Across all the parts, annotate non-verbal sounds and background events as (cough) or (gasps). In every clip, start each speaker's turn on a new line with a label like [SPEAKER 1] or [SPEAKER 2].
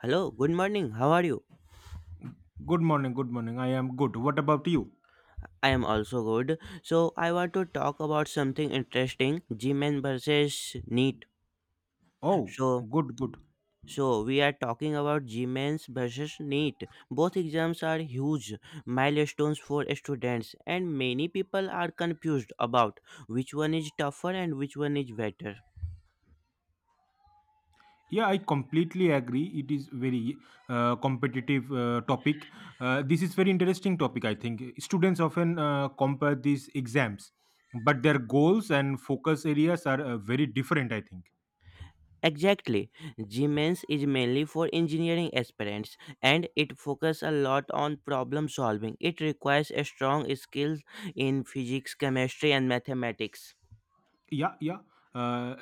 [SPEAKER 1] Hello, good morning. How are you?
[SPEAKER 2] Good morning, good morning. I am good. What about you?
[SPEAKER 1] I am also good. So, I want to talk about something interesting, G-men versus NEET.
[SPEAKER 2] Oh,
[SPEAKER 1] So,
[SPEAKER 2] good, good.
[SPEAKER 1] so we are talking about G-men versus NEET. Both exams are huge milestones for students and many people are confused about which one is tougher and which one is better.
[SPEAKER 2] Yeah, I completely agree. It is very competitive topic. This is very interesting topic. I think students often compare these exams, but their goals and focus areas are very different, I think.
[SPEAKER 1] Exactly. Gmens is mainly for engineering aspirants and it focuses a lot on problem solving. It requires a strong skills in physics, chemistry and mathematics.
[SPEAKER 2] Yeah, yeah, uh,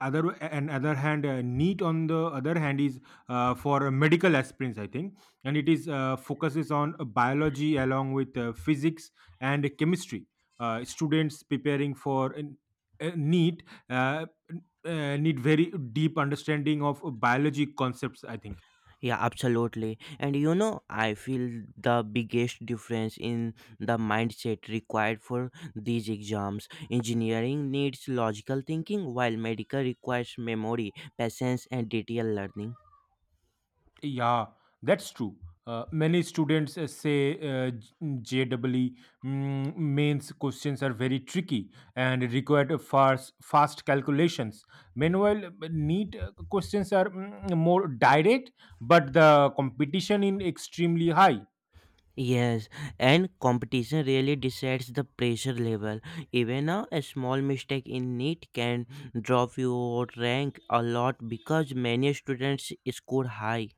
[SPEAKER 2] other hand, neat on the other hand is for medical aspirins, I think, and it is focuses on biology along with physics and chemistry. Students preparing for a neat uh, need very deep understanding of biology concepts, I think.
[SPEAKER 1] Yeah, absolutely. And you know, I feel the biggest difference in the mindset required for these exams. Engineering needs logical thinking while medical requires memory, patience and detailed learning.
[SPEAKER 2] Yeah, that's true. Many students say JEE mains questions are very tricky and require fast calculations. Meanwhile, NEET questions are more direct, but the competition is extremely high.
[SPEAKER 1] Yes, and competition really decides the pressure level. Even a small mistake in NEET can drop your rank a lot because many students score high.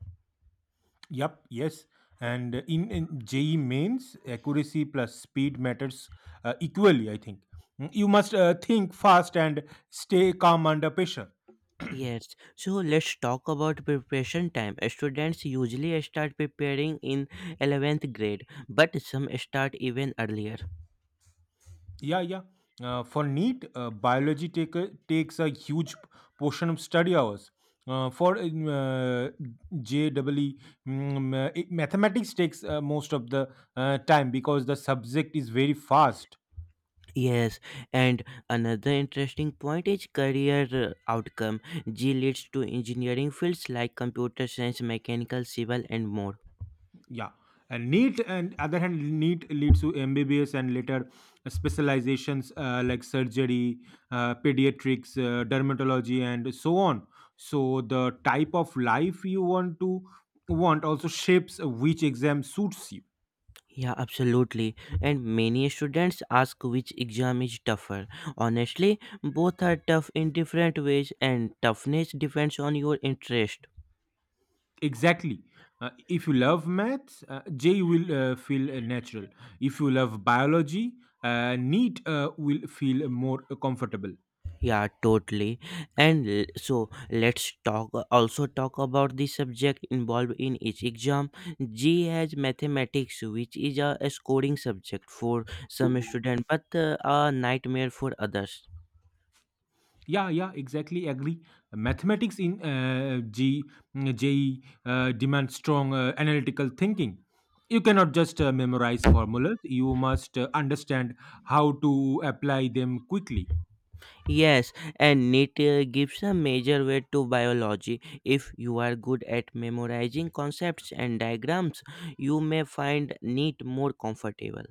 [SPEAKER 2] Yep, yes. And in JEE mains, accuracy plus speed matters equally, I think. You must think fast and stay calm under pressure.
[SPEAKER 1] Yes, so let's talk about preparation time. Students usually start preparing in 11th grade, but some start even earlier.
[SPEAKER 2] Yeah, yeah. For NEET, biology takes a huge portion of study hours. For JEE, mathematics takes most of the time because the subject is very fast.
[SPEAKER 1] Yes, and another interesting point is career outcome. G leads to engineering fields like computer science, mechanical, civil, and more.
[SPEAKER 2] Yeah. And NEET, and other hand, NEET leads to MBBS and later specializations like surgery, pediatrics, dermatology, and so on. So the type of life you want also shapes which exam suits you.
[SPEAKER 1] Yeah, absolutely. And many students ask which exam is tougher. Honestly, both are tough in different ways, and toughness depends on your interest.
[SPEAKER 2] Exactly. If you love maths, J will feel natural. If you love biology, NEET will feel more comfortable.
[SPEAKER 1] Yeah, totally. And l- so let's talk also talk about the subject involved in each exam. G has mathematics, which is a scoring subject for some students, but a nightmare for others.
[SPEAKER 2] Yeah, yeah, exactly. Agree. Mathematics in G, J E demands strong analytical thinking. You cannot just memorize formulas. You must understand how to apply them quickly.
[SPEAKER 1] Yes, and NEET gives a major weight to biology. If you are good at memorizing concepts and diagrams, you may find NEET more comfortable.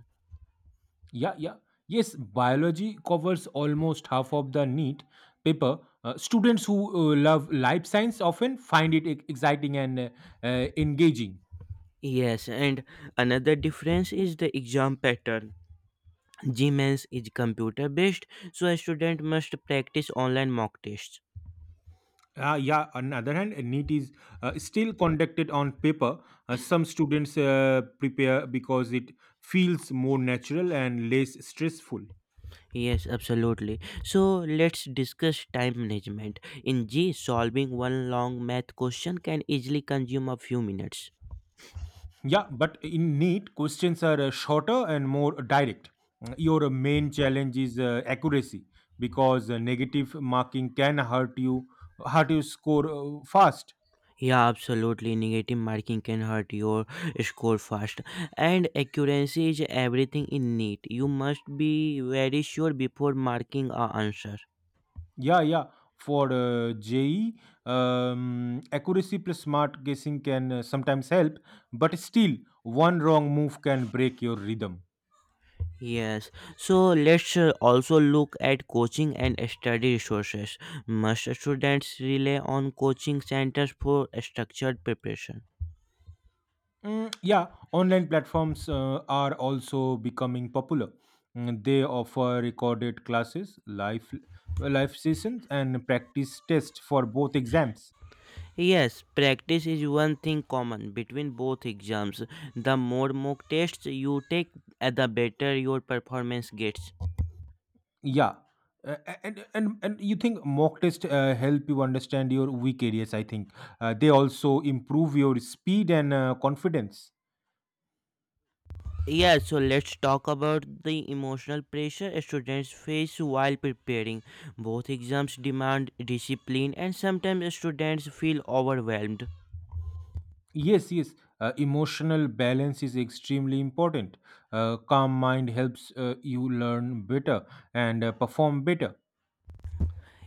[SPEAKER 2] Yeah, yeah. Yes, biology covers almost half of the NEET paper. Students who love life science often find it exciting and engaging.
[SPEAKER 1] Yes, and another difference is the exam pattern. Gmans is computer based, so a student must practice online mock tests.
[SPEAKER 2] Yeah, on the other hand, NEET is still conducted on paper. Some students prepare because it feels more natural and less stressful.
[SPEAKER 1] Yes, absolutely. So let's discuss time management. In G, solving one long math question can easily consume a few minutes.
[SPEAKER 2] Yeah, but in NEET, questions are shorter and more direct. Your main challenge is accuracy because negative marking can hurt your score fast.
[SPEAKER 1] Yeah, absolutely. Negative marking can hurt your score fast. And accuracy is everything in need. You must be very sure before marking a answer.
[SPEAKER 2] Yeah, yeah. For JE, accuracy plus smart guessing can sometimes help, but still, one wrong move can break your rhythm.
[SPEAKER 1] Yes, so let's also look at coaching and study resources. Must students rely on coaching centers for structured preparation?
[SPEAKER 2] Yeah, online platforms are also becoming popular. They offer recorded classes, live sessions, and practice tests for both exams.
[SPEAKER 1] Yes, practice is one thing common between both exams. The more mock tests you take, the better your performance gets.
[SPEAKER 2] Yeah, uh, and you think mock test help you understand your weak areas? I think they also improve your speed and confidence.
[SPEAKER 1] Yeah, so let's talk about the emotional pressure students face while preparing. Both exams demand discipline, and sometimes students feel overwhelmed.
[SPEAKER 2] Yes, yes. Emotional balance is extremely important. Calm mind helps you learn better and perform better.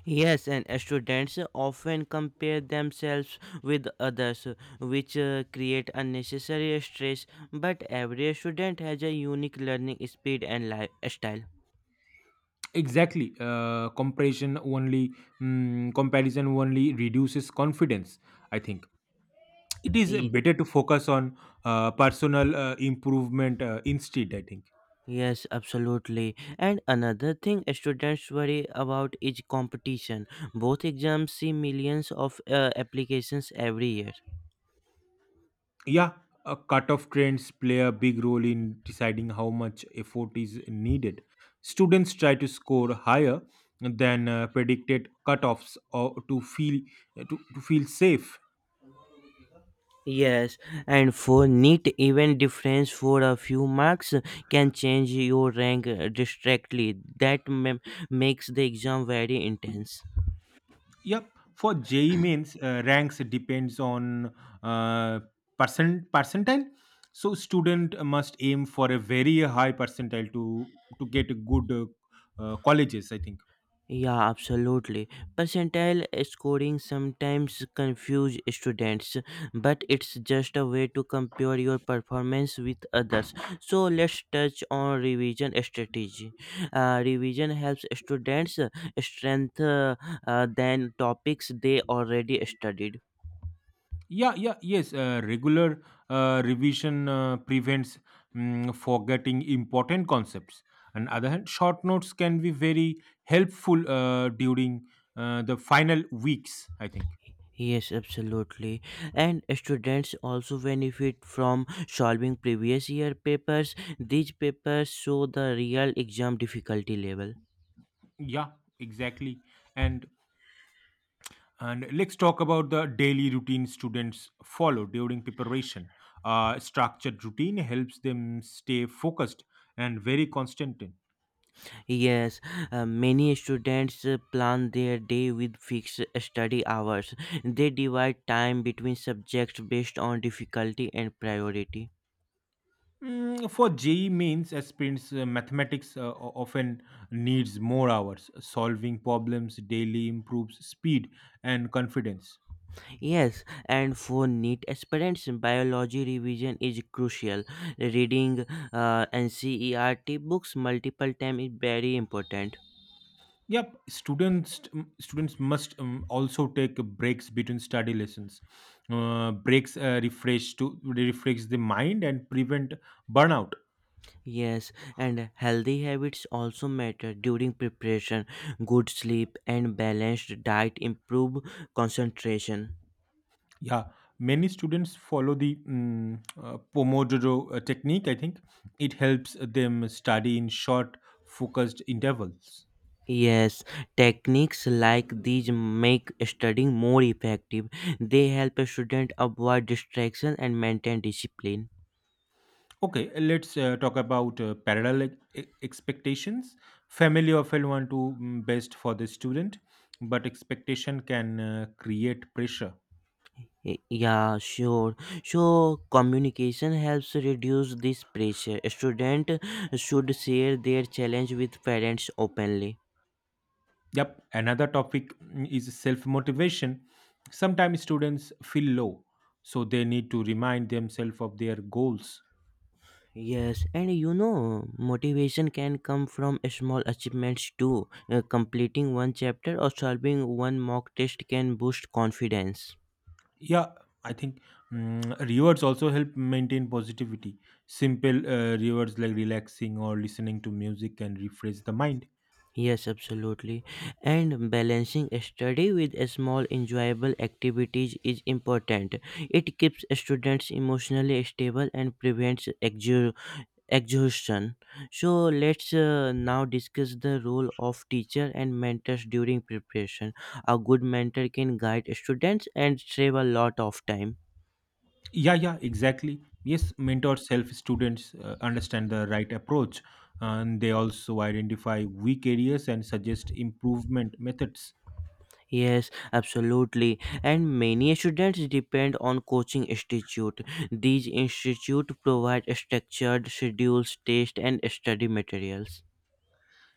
[SPEAKER 1] Yes, and students often compare themselves with others, which create unnecessary stress. But every student has a unique learning speed and lifestyle.
[SPEAKER 2] Exactly. Comparison only reduces confidence. I think it is
[SPEAKER 1] Ye-
[SPEAKER 2] better to focus on personal improvement instead, I think.
[SPEAKER 1] Yes, absolutely. And another thing students worry about is competition. Both exams see millions of applications every year.
[SPEAKER 2] Yeah, cutoff trends play a big role in deciding how much effort is needed. Students try to score higher than predicted cutoffs or to feel to feel safe.
[SPEAKER 1] Yes, and for neat even difference for a few marks can change your rank distractly. Makes the exam very intense.
[SPEAKER 2] Yep. For JEE mains ranks depends on uh, percentile. So student must aim for a very high percentile to get good colleges, I think.
[SPEAKER 1] Yeah, absolutely. Percentile scoring sometimes confuse students, but it's just a way to compare your performance with others. So let's touch on revision strategy. Revision helps students strengthen than topics they already studied.
[SPEAKER 2] Yeah, yeah, yes, regular revision prevents forgetting important concepts. On other hand, short notes can be very helpful during the final weeks, I think.
[SPEAKER 1] Yes, absolutely. And students also benefit from solving previous year papers. These papers show the real exam difficulty level.
[SPEAKER 2] Yeah, exactly. And and let's talk about the daily routine students follow during preparation. Structured routine helps them stay focused and very constant.
[SPEAKER 1] Yes, many students plan their day with fixed study hours. They divide time between subjects based on difficulty and priority.
[SPEAKER 2] For JE means as sprints, mathematics often needs more hours. Solving problems daily improves speed and confidence.
[SPEAKER 1] Yes, and for neat aspirants, biology revision is crucial. Reading NCERT books multiple times is very important.
[SPEAKER 2] Yep, students must also take breaks between study lessons. Breaks refresh to refresh the mind and prevent burnout.
[SPEAKER 1] Yes, and healthy habits also matter during preparation. Good sleep and balanced diet improve concentration.
[SPEAKER 2] Yeah, many students follow the Pomodoro technique, I think. It helps them study in short, focused intervals.
[SPEAKER 1] Yes, techniques like these make studying more effective. They help a student avoid distraction and maintain discipline.
[SPEAKER 2] Okay, let's talk about parallel expectations. Family often want to best for the student, but expectation can create pressure.
[SPEAKER 1] Yeah, sure. So communication helps reduce this pressure. Student should share their challenge with parents openly.
[SPEAKER 2] Yep, another topic is self motivation. Sometimes students feel low, so they need to remind themselves of their goals.
[SPEAKER 1] Yes, and you know, motivation can come from small achievements too. Completing one chapter or solving one mock test can boost confidence.
[SPEAKER 2] Yeah, I think rewards also help maintain positivity. Simple rewards like relaxing or listening to music can refresh the mind.
[SPEAKER 1] Yes, absolutely. And balancing study with small enjoyable activities is important. It keeps students emotionally stable and prevents exhaustion. So let's now discuss the role of teacher and mentors during preparation. A good mentor can guide students and save a lot of time.
[SPEAKER 2] Yeah, yeah, exactly. Yes, mentors help students understand the right approach, and they also identify weak areas and suggest improvement methods.
[SPEAKER 1] Yes, absolutely. And many students depend on coaching institute. These institute provide structured schedules test and study materials.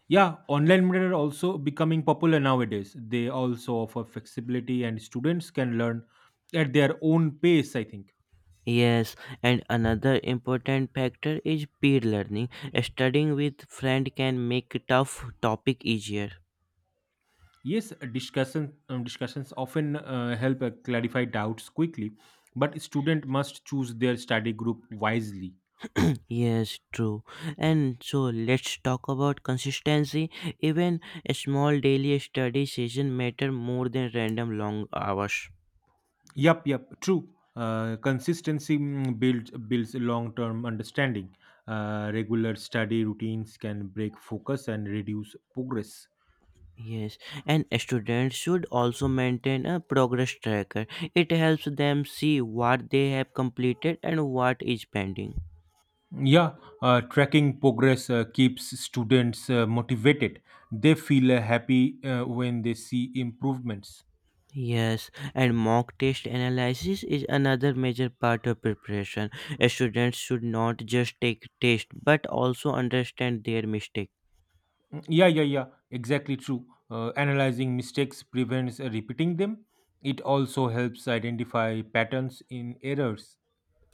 [SPEAKER 2] Yeah, online mentor are also becoming popular nowadays. They also offer flexibility, and students can learn at their own pace, I think.
[SPEAKER 1] Yes, and another important factor is peer learning. Studying with friend can make tough topic easier.
[SPEAKER 2] Yes, discussions often help clarify doubts quickly, but student must choose their study group wisely.
[SPEAKER 1] Yes, true. And so let's talk about consistency. Even a small daily study session matter more than random long hours.
[SPEAKER 2] Yep, yep, true. Consistency builds long-term understanding. Regular study routines can break focus and reduce progress.
[SPEAKER 1] Yes, and students should also maintain a progress tracker. It helps them see what they have completed and what is pending.
[SPEAKER 2] Yeah, tracking progress keeps students motivated. They feel happy when they see improvements.
[SPEAKER 1] Yes, and mock test analysis is another major part of preparation. Students should not just take test but also understand their mistakes.
[SPEAKER 2] Yeah, yeah, yeah, exactly, true. Analyzing mistakes prevents repeating them. It also helps identify patterns in errors.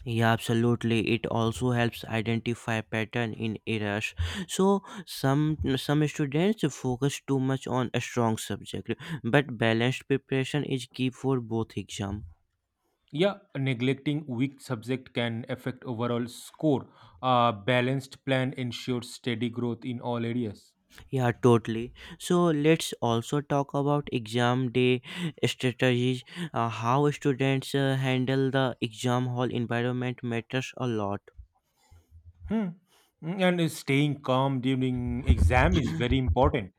[SPEAKER 1] Yeah, absolutely. It also helps identify pattern in errors. So some students focus too much on a strong subject, but balanced preparation is key for both exam.
[SPEAKER 2] Yeah, neglecting weak subject can affect overall score. A balanced plan ensures steady growth in all areas.
[SPEAKER 1] Yeah, totally. So let's also talk about exam day strategies. How students handle the exam hall environment matters a lot.
[SPEAKER 2] Hmm. Hmm. And staying calm during exam is very important.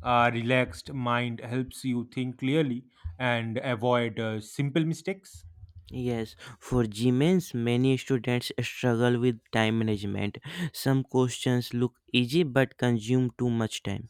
[SPEAKER 2] A relaxed mind helps you think clearly and avoid simple mistakes.
[SPEAKER 1] Yes, for Gmains, many students struggle with time management. Some questions look easy but consume too much time.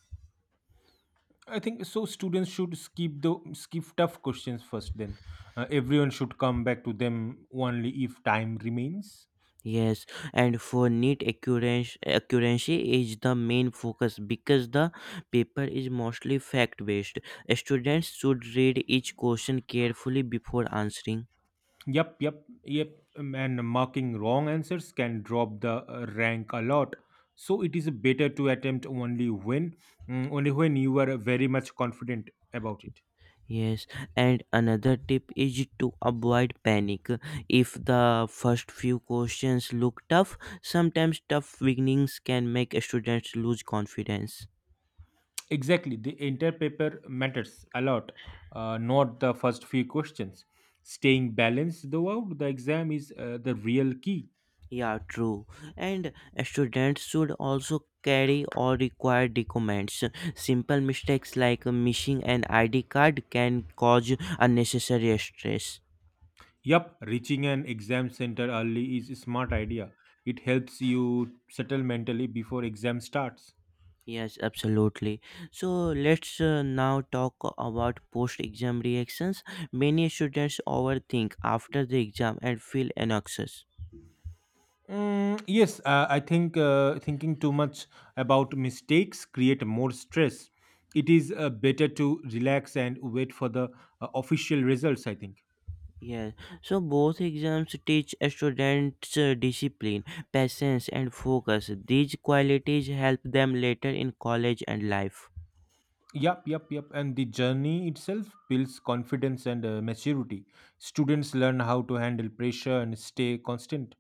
[SPEAKER 2] I think so. Students should skip tough questions first. Then everyone should come back to them only if time remains.
[SPEAKER 1] Yes, and for neat accuracy, accuracy is the main focus because the paper is mostly fact based. Students should read each question carefully before answering.
[SPEAKER 2] Yep, yep, yep. And marking wrong answers can drop the rank a lot. So it is better to attempt only only when you are very much confident about it.
[SPEAKER 1] Yes, and another tip is to avoid panic. If the first few questions look tough, sometimes tough beginnings can make students lose confidence.
[SPEAKER 2] Exactly, the entire paper matters a lot, not the first few questions. Staying balanced throughout the exam is the real key.
[SPEAKER 1] Yeah, true. And students should also carry all required documents. Simple mistakes like missing an ID card can cause unnecessary stress.
[SPEAKER 2] Yup, reaching an exam center early is a smart idea. It helps you settle mentally before exam starts.
[SPEAKER 1] Yes, absolutely. So let's now talk about post exam reactions. Many students overthink after the exam and feel anxious.
[SPEAKER 2] Yes, I think thinking too much about mistakes create more stress. It is better to relax and wait for the official results, I think.
[SPEAKER 1] Yes, so both exams teach a students discipline, patience, and focus. These qualities help them later in college and life.
[SPEAKER 2] Yep, yep, yep. And the journey itself builds confidence and maturity. Students learn how to handle pressure and stay constant,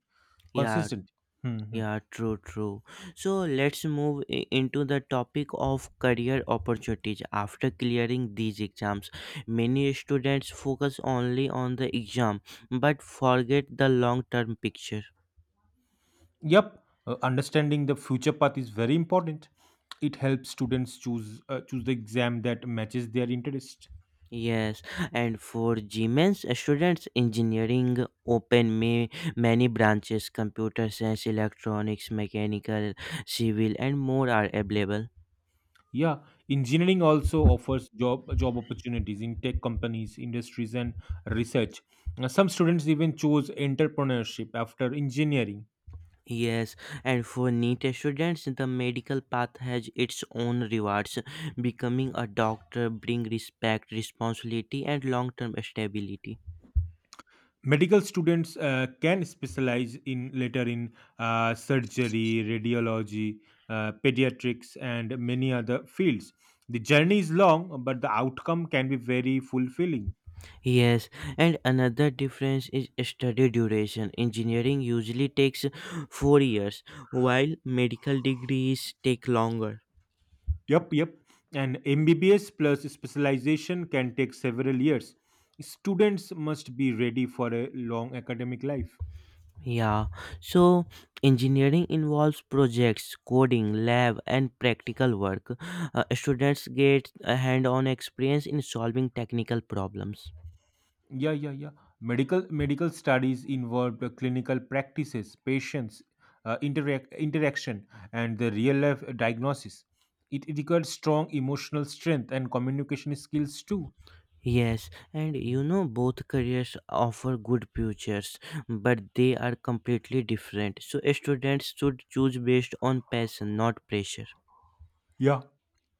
[SPEAKER 1] Yeah,
[SPEAKER 2] consistent. Hmm.
[SPEAKER 1] Yeah, true. So let's move into the topic of career opportunities. After clearing these exams, many students focus only on the exam but forget the long term picture.
[SPEAKER 2] Yep, understanding the future path is very important. It helps students choose the exam that matches their interest.
[SPEAKER 1] Yes, and for GMENS students, engineering open may many branches, computer science, electronics, mechanical, civil, and more are available.
[SPEAKER 2] Yeah, engineering also offers job opportunities in tech companies, industries, and research. Some students even choose entrepreneurship after engineering.
[SPEAKER 1] Yes, and for NEET students, the medical path has its own rewards. Becoming a doctor brings respect, responsibility, and long-term stability.
[SPEAKER 2] Medical students can specialize in later in surgery, radiology, pediatrics, and many other fields. The journey is long, but the outcome can be very fulfilling.
[SPEAKER 1] Yes, and another difference is study duration. Engineering usually takes 4 years, while medical degrees take longer.
[SPEAKER 2] Yep, yep. And MBBS plus specialization can take several years. Students must be ready for a long academic life.
[SPEAKER 1] Yeah, so engineering involves projects, coding, lab, and practical work. Students get a hand on experience in solving technical problems.
[SPEAKER 2] Yeah, yeah, yeah. Medical studies involved clinical practices, patients, interaction, and the real life diagnosis. It requires strong emotional strength and communication skills too.
[SPEAKER 1] Yes, and you
[SPEAKER 2] Mm.
[SPEAKER 1] know both careers offer good futures, but they are completely different. So students should choose based on passion, not pressure.
[SPEAKER 2] Yeah,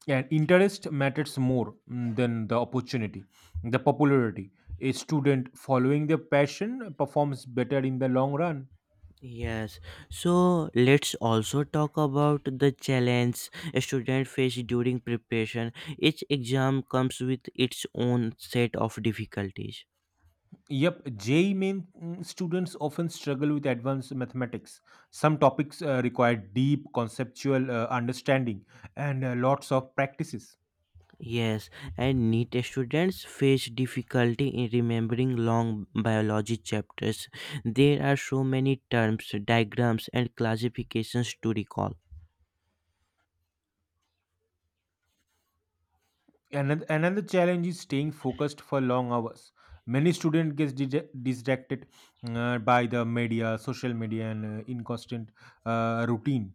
[SPEAKER 2] and interest matters more than the opportunity, the popularity. A student following their passion performs better in the long run.
[SPEAKER 1] Yes, so let's also talk about the challenge students face during preparation. Each exam comes with its own set of difficulties.
[SPEAKER 2] Yep, J E E main, students often struggle with advanced mathematics. Some topics require deep conceptual understanding and lots of practices.
[SPEAKER 1] Yes, and NEET students face difficulty in remembering long biology chapters. There are so many terms, diagrams, and classifications to recall.
[SPEAKER 2] Another challenge is staying focused for long hours. Many students get distracted by the media, social media, and inconstant routine.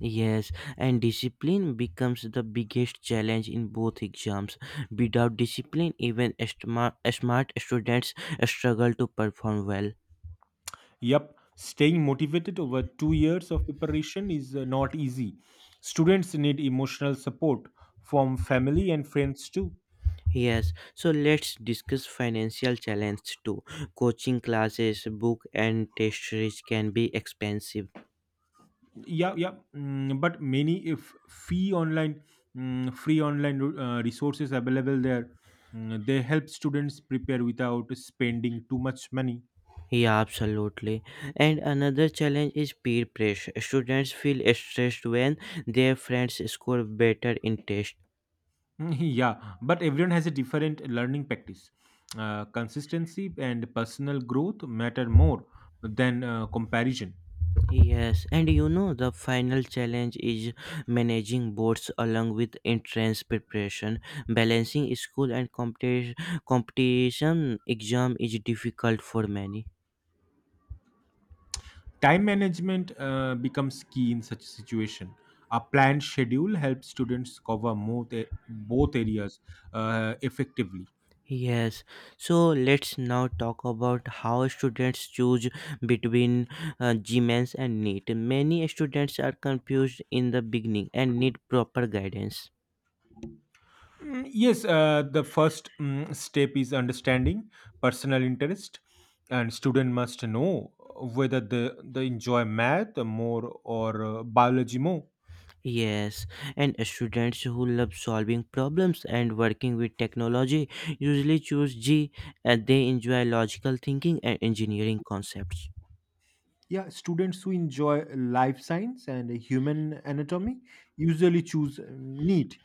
[SPEAKER 1] Yes, and discipline becomes the biggest challenge in both exams. Without discipline, even smart students struggle to perform well.
[SPEAKER 2] Yep, staying motivated over 2 years of preparation is not easy. Students need emotional support from family and friends too.
[SPEAKER 1] Yes, so let's discuss financial challenge too. Coaching classes, book, and test series can be expensive.
[SPEAKER 2] Yeah, yeah. But many if free online, free online resources available there, they help students prepare without spending too much money.
[SPEAKER 1] Yeah, absolutely. And another challenge is peer pressure. Students feel stressed when their friends score better in tests.
[SPEAKER 2] Mm, (laughs) yeah, but everyone has a different learning practice. Consistency and personal growth matter more than comparison.
[SPEAKER 1] Yes, and you know the final challenge is managing boards along with entrance preparation. Balancing school and competition exam is difficult for many.
[SPEAKER 2] Time management becomes key in such a situation. A planned schedule helps students cover both areas effectively.
[SPEAKER 1] Yes, so let's now talk about how students choose between GMANS and NEET. Many students are confused in the beginning and need proper guidance.
[SPEAKER 2] Yes, the first step is understanding personal interest, and student must know whether they enjoy math more or biology more.
[SPEAKER 1] Yes, and students who love solving problems and working with technology usually choose G and they enjoy logical thinking and engineering concepts.
[SPEAKER 2] Yeah, students who enjoy life science and human anatomy usually choose NEAT.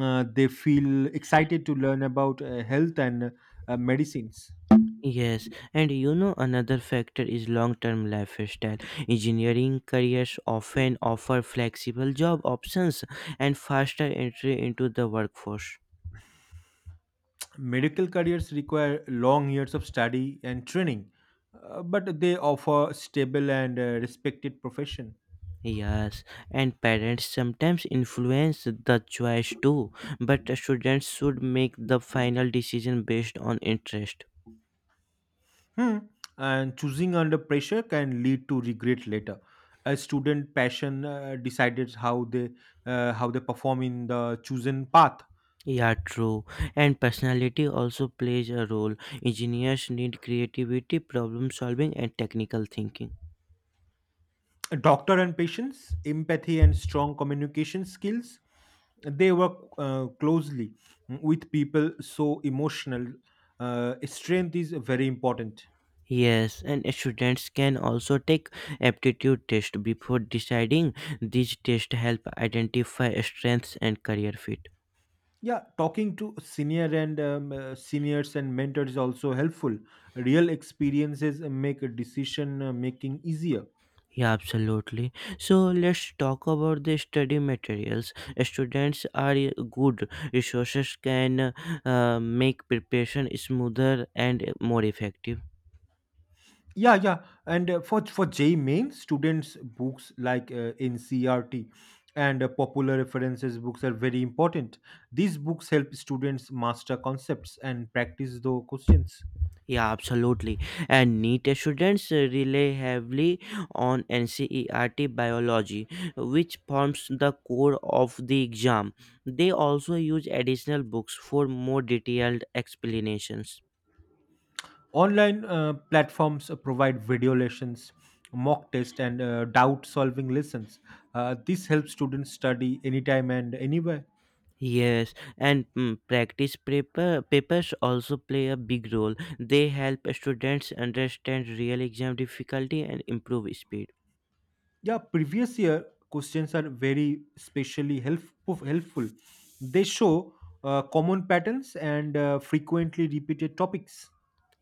[SPEAKER 2] They feel excited to learn about health and medicines.
[SPEAKER 1] Yes, and you know another factor is long-term lifestyle. Engineering careers often offer flexible job options and faster entry into the workforce.
[SPEAKER 2] Medical careers require long years of study and training, but they offer a stable and respected profession.
[SPEAKER 1] Yes, and parents sometimes influence the choice too, but students should make the final decision based on interest.
[SPEAKER 2] Hmm. And choosing under pressure can lead to regret later. A student passion decides how they perform in the chosen path.
[SPEAKER 1] Yeah, true. And personality also plays a role. Engineers need creativity, problem solving, and technical thinking.
[SPEAKER 2] A doctor and patients empathy and strong communication skills, they work closely with people, so emotional strength is very important.
[SPEAKER 1] Yes, and students can also take aptitude test before deciding. These tests help identify strengths and career fit.
[SPEAKER 2] Yeah, talking to seniors and mentors is also helpful. Real experiences make decision making easier.
[SPEAKER 1] Yeah, absolutely. So let's talk about the study materials. Students are a good. Resources can make preparation smoother and more effective.
[SPEAKER 2] Yeah, yeah. And for JEE main, students books like NCRT and popular references books are very important. These books help students master concepts and practice the questions.
[SPEAKER 1] Yeah, absolutely. And NEET students rely heavily on NCERT biology, which forms the core of the exam. They also use additional books for more detailed explanations.
[SPEAKER 2] Online platforms provide video lessons, mock test, and doubt solving lessons. This helps students study anytime and anywhere.
[SPEAKER 1] Yes, and practice papers also play a big role. They help students understand real exam difficulty and improve speed.
[SPEAKER 2] Yeah, previous year questions are very specially helpful. They show common patterns and frequently repeated topics.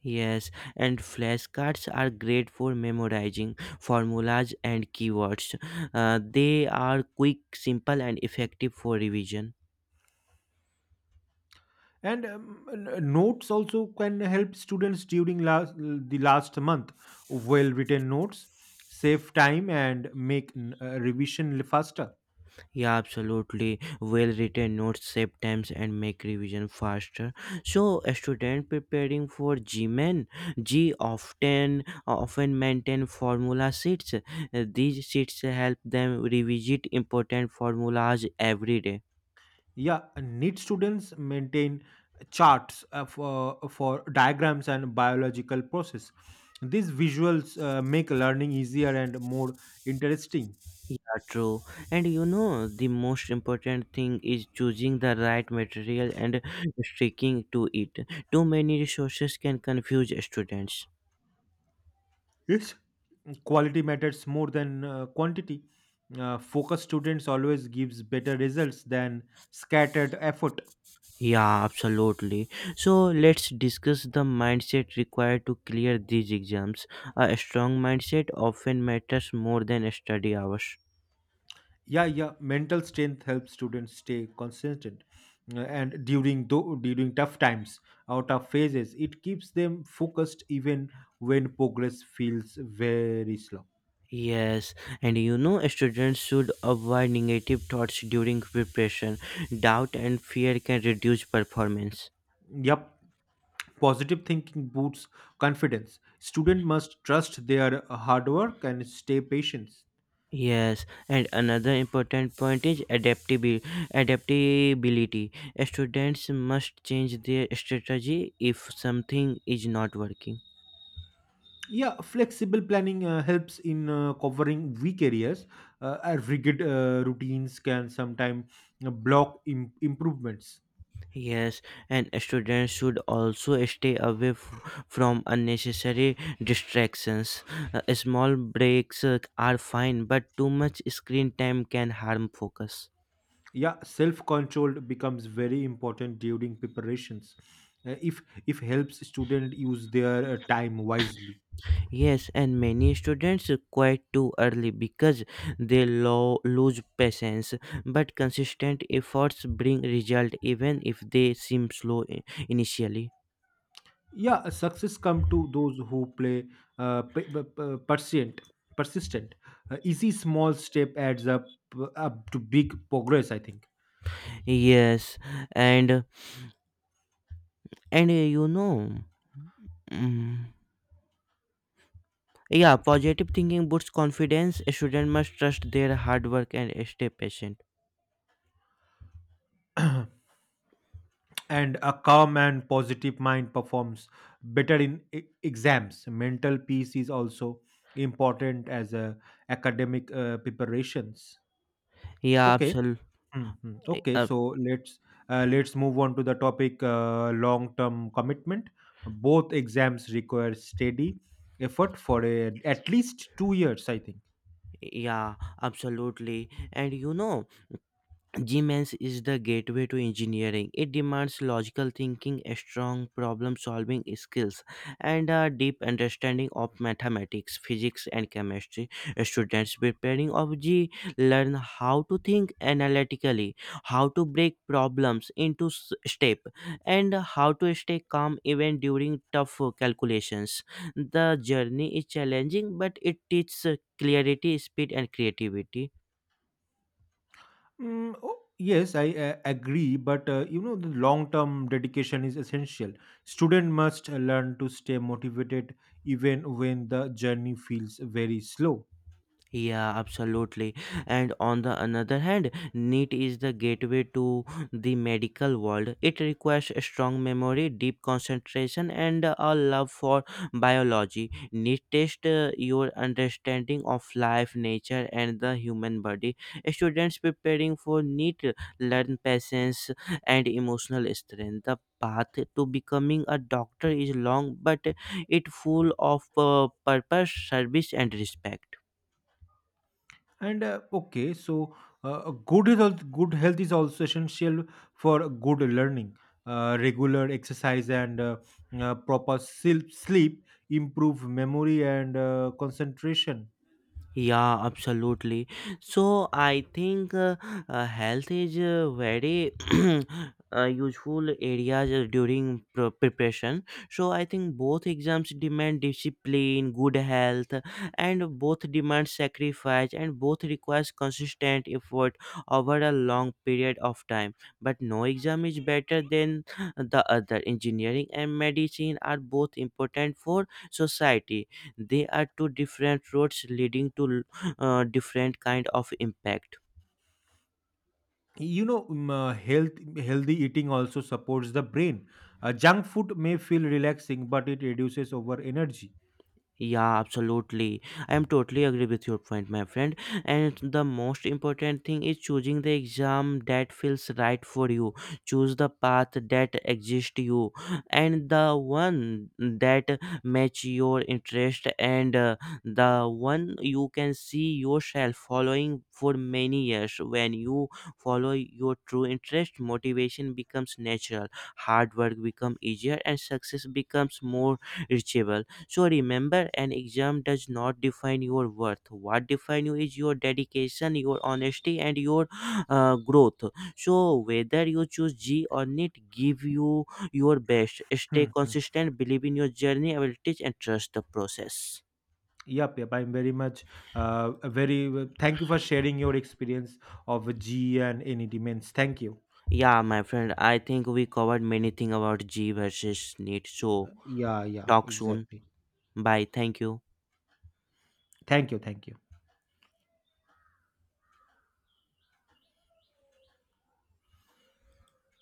[SPEAKER 1] Yes, and flashcards are great for memorizing formulas and keywords. They are quick, simple, and effective for revision.
[SPEAKER 2] And notes also can help students during the last month. Well written notes save time and make revision faster.
[SPEAKER 1] Yeah, absolutely. Well-written notes save times and make revision faster. So, a student preparing for GMAN, G often maintain formula sheets. These sheets help them revisit important formulas every day.
[SPEAKER 2] Yeah, need students maintain charts for diagrams and biological process. These visuals make learning easier and more interesting.
[SPEAKER 1] Yeah, true. And you know, the most important thing is choosing the right material and sticking to it. Too many resources can confuse students.
[SPEAKER 2] Yes, quality matters more than quantity. Focused students always gives better results than scattered effort.
[SPEAKER 1] Yeah, absolutely. So let's discuss the mindset required to clear these exams. A strong mindset often matters more than study hours.
[SPEAKER 2] Yeah, yeah, mental strength helps students stay consistent and during tough times or tough phases. It keeps them focused even when progress feels very slow.
[SPEAKER 1] Yes, and you know, students should avoid negative thoughts during preparation. Doubt and fear can reduce performance.
[SPEAKER 2] Yep, positive thinking boosts confidence. Student must trust their hard work and stay patient.
[SPEAKER 1] Yes, and another important point is adaptability. Students must change their strategy if something is not working.
[SPEAKER 2] Yeah, flexible planning helps in covering weak areas, and rigid routines can sometimes block improvements.
[SPEAKER 1] Yes, and students should also stay away from unnecessary distractions. Small breaks are fine, but too much screen time can harm focus.
[SPEAKER 2] Yeah, self control becomes very important during preparations. If helps student use their time wisely.
[SPEAKER 1] Yes, and many students quit too early because they lose patience. But consistent efforts bring result even if they seem slow initially.
[SPEAKER 2] Yeah, success come to those who play uh, p- p- p- persistent persistent, easy small step adds up to big progress, I think.
[SPEAKER 1] Yes, and and mm, yeah, positive thinking boosts confidence. A student must trust their hard work and stay patient.
[SPEAKER 2] And a calm and positive mind performs better in exams. Mental peace is also important as a academic preparations.
[SPEAKER 1] Yeah,
[SPEAKER 2] Okay.
[SPEAKER 1] absolutely.
[SPEAKER 2] Mhm. Okay, so let's move on to the topic long-term commitment. Both exams require steady effort for at least 2 years, I think.
[SPEAKER 1] Yeah, absolutely. And you know, G Gmans is the gateway to engineering. It demands logical thinking, a strong problem solving skills, and a deep understanding of mathematics, physics, and chemistry. Students preparing of G learn how to think analytically, how to break problems into step, and how to stay calm even during tough calculations. The journey is challenging, but it teaches clarity, speed, and creativity.
[SPEAKER 2] Oh, yes, I agree, but you know the long-term dedication is essential. Student must learn to stay motivated even when the journey feels very slow.
[SPEAKER 1] Yeah, absolutely. And on the another hand, NEET is the gateway to the medical world. It requires a strong memory, deep concentration, and a love for biology. NEET tests your understanding of life, nature, and the human body. Students preparing for NEET learn patience and emotional strength. The path to becoming a doctor is long, but it full of purpose, service, and respect.
[SPEAKER 2] And okay, so good health is also essential for good learning. Regular exercise and proper sleep improve memory and concentration.
[SPEAKER 1] Yeah, absolutely. So I think health is very (clears throat) useful areas during preparation. So I think both exams demand discipline, good health, and both demand sacrifice, and both requires consistent effort over a long period of time. But no exam is better than the other. Engineering and medicine are both important for society. They are two different roads leading to different kind of impact.
[SPEAKER 2] You know, healthy eating also supports the brain. Junk food may feel relaxing, but it reduces over energy.
[SPEAKER 1] Yeah, absolutely. I am totally agree with your point, my friend. And the most important thing is choosing the exam that feels right for you. Choose the path that exists you and the one that match your interest and the one you can see yourself following for many years. When you follow your true interest, motivation becomes natural, hard work becomes easier, and success becomes more reachable. So remember, an exam does not define your worth. What define you is your dedication, your honesty, and your (gasps) growth. So whether you choose G or NEET, give you your best. Stay
[SPEAKER 2] Hmm, hmm.
[SPEAKER 1] consistent, believe in your journey, abilities, and trust the process.
[SPEAKER 2] Yep, yep. I'm very much very. Thank you for sharing your experience of G E and NED Men's. Thank you.
[SPEAKER 1] Yeah, my friend, I think we covered many things about G versus NEET. So
[SPEAKER 2] Yeah, yeah,
[SPEAKER 1] talk soon.
[SPEAKER 2] exactly.
[SPEAKER 1] Bye. Thank you.
[SPEAKER 2] Thank you, thank you.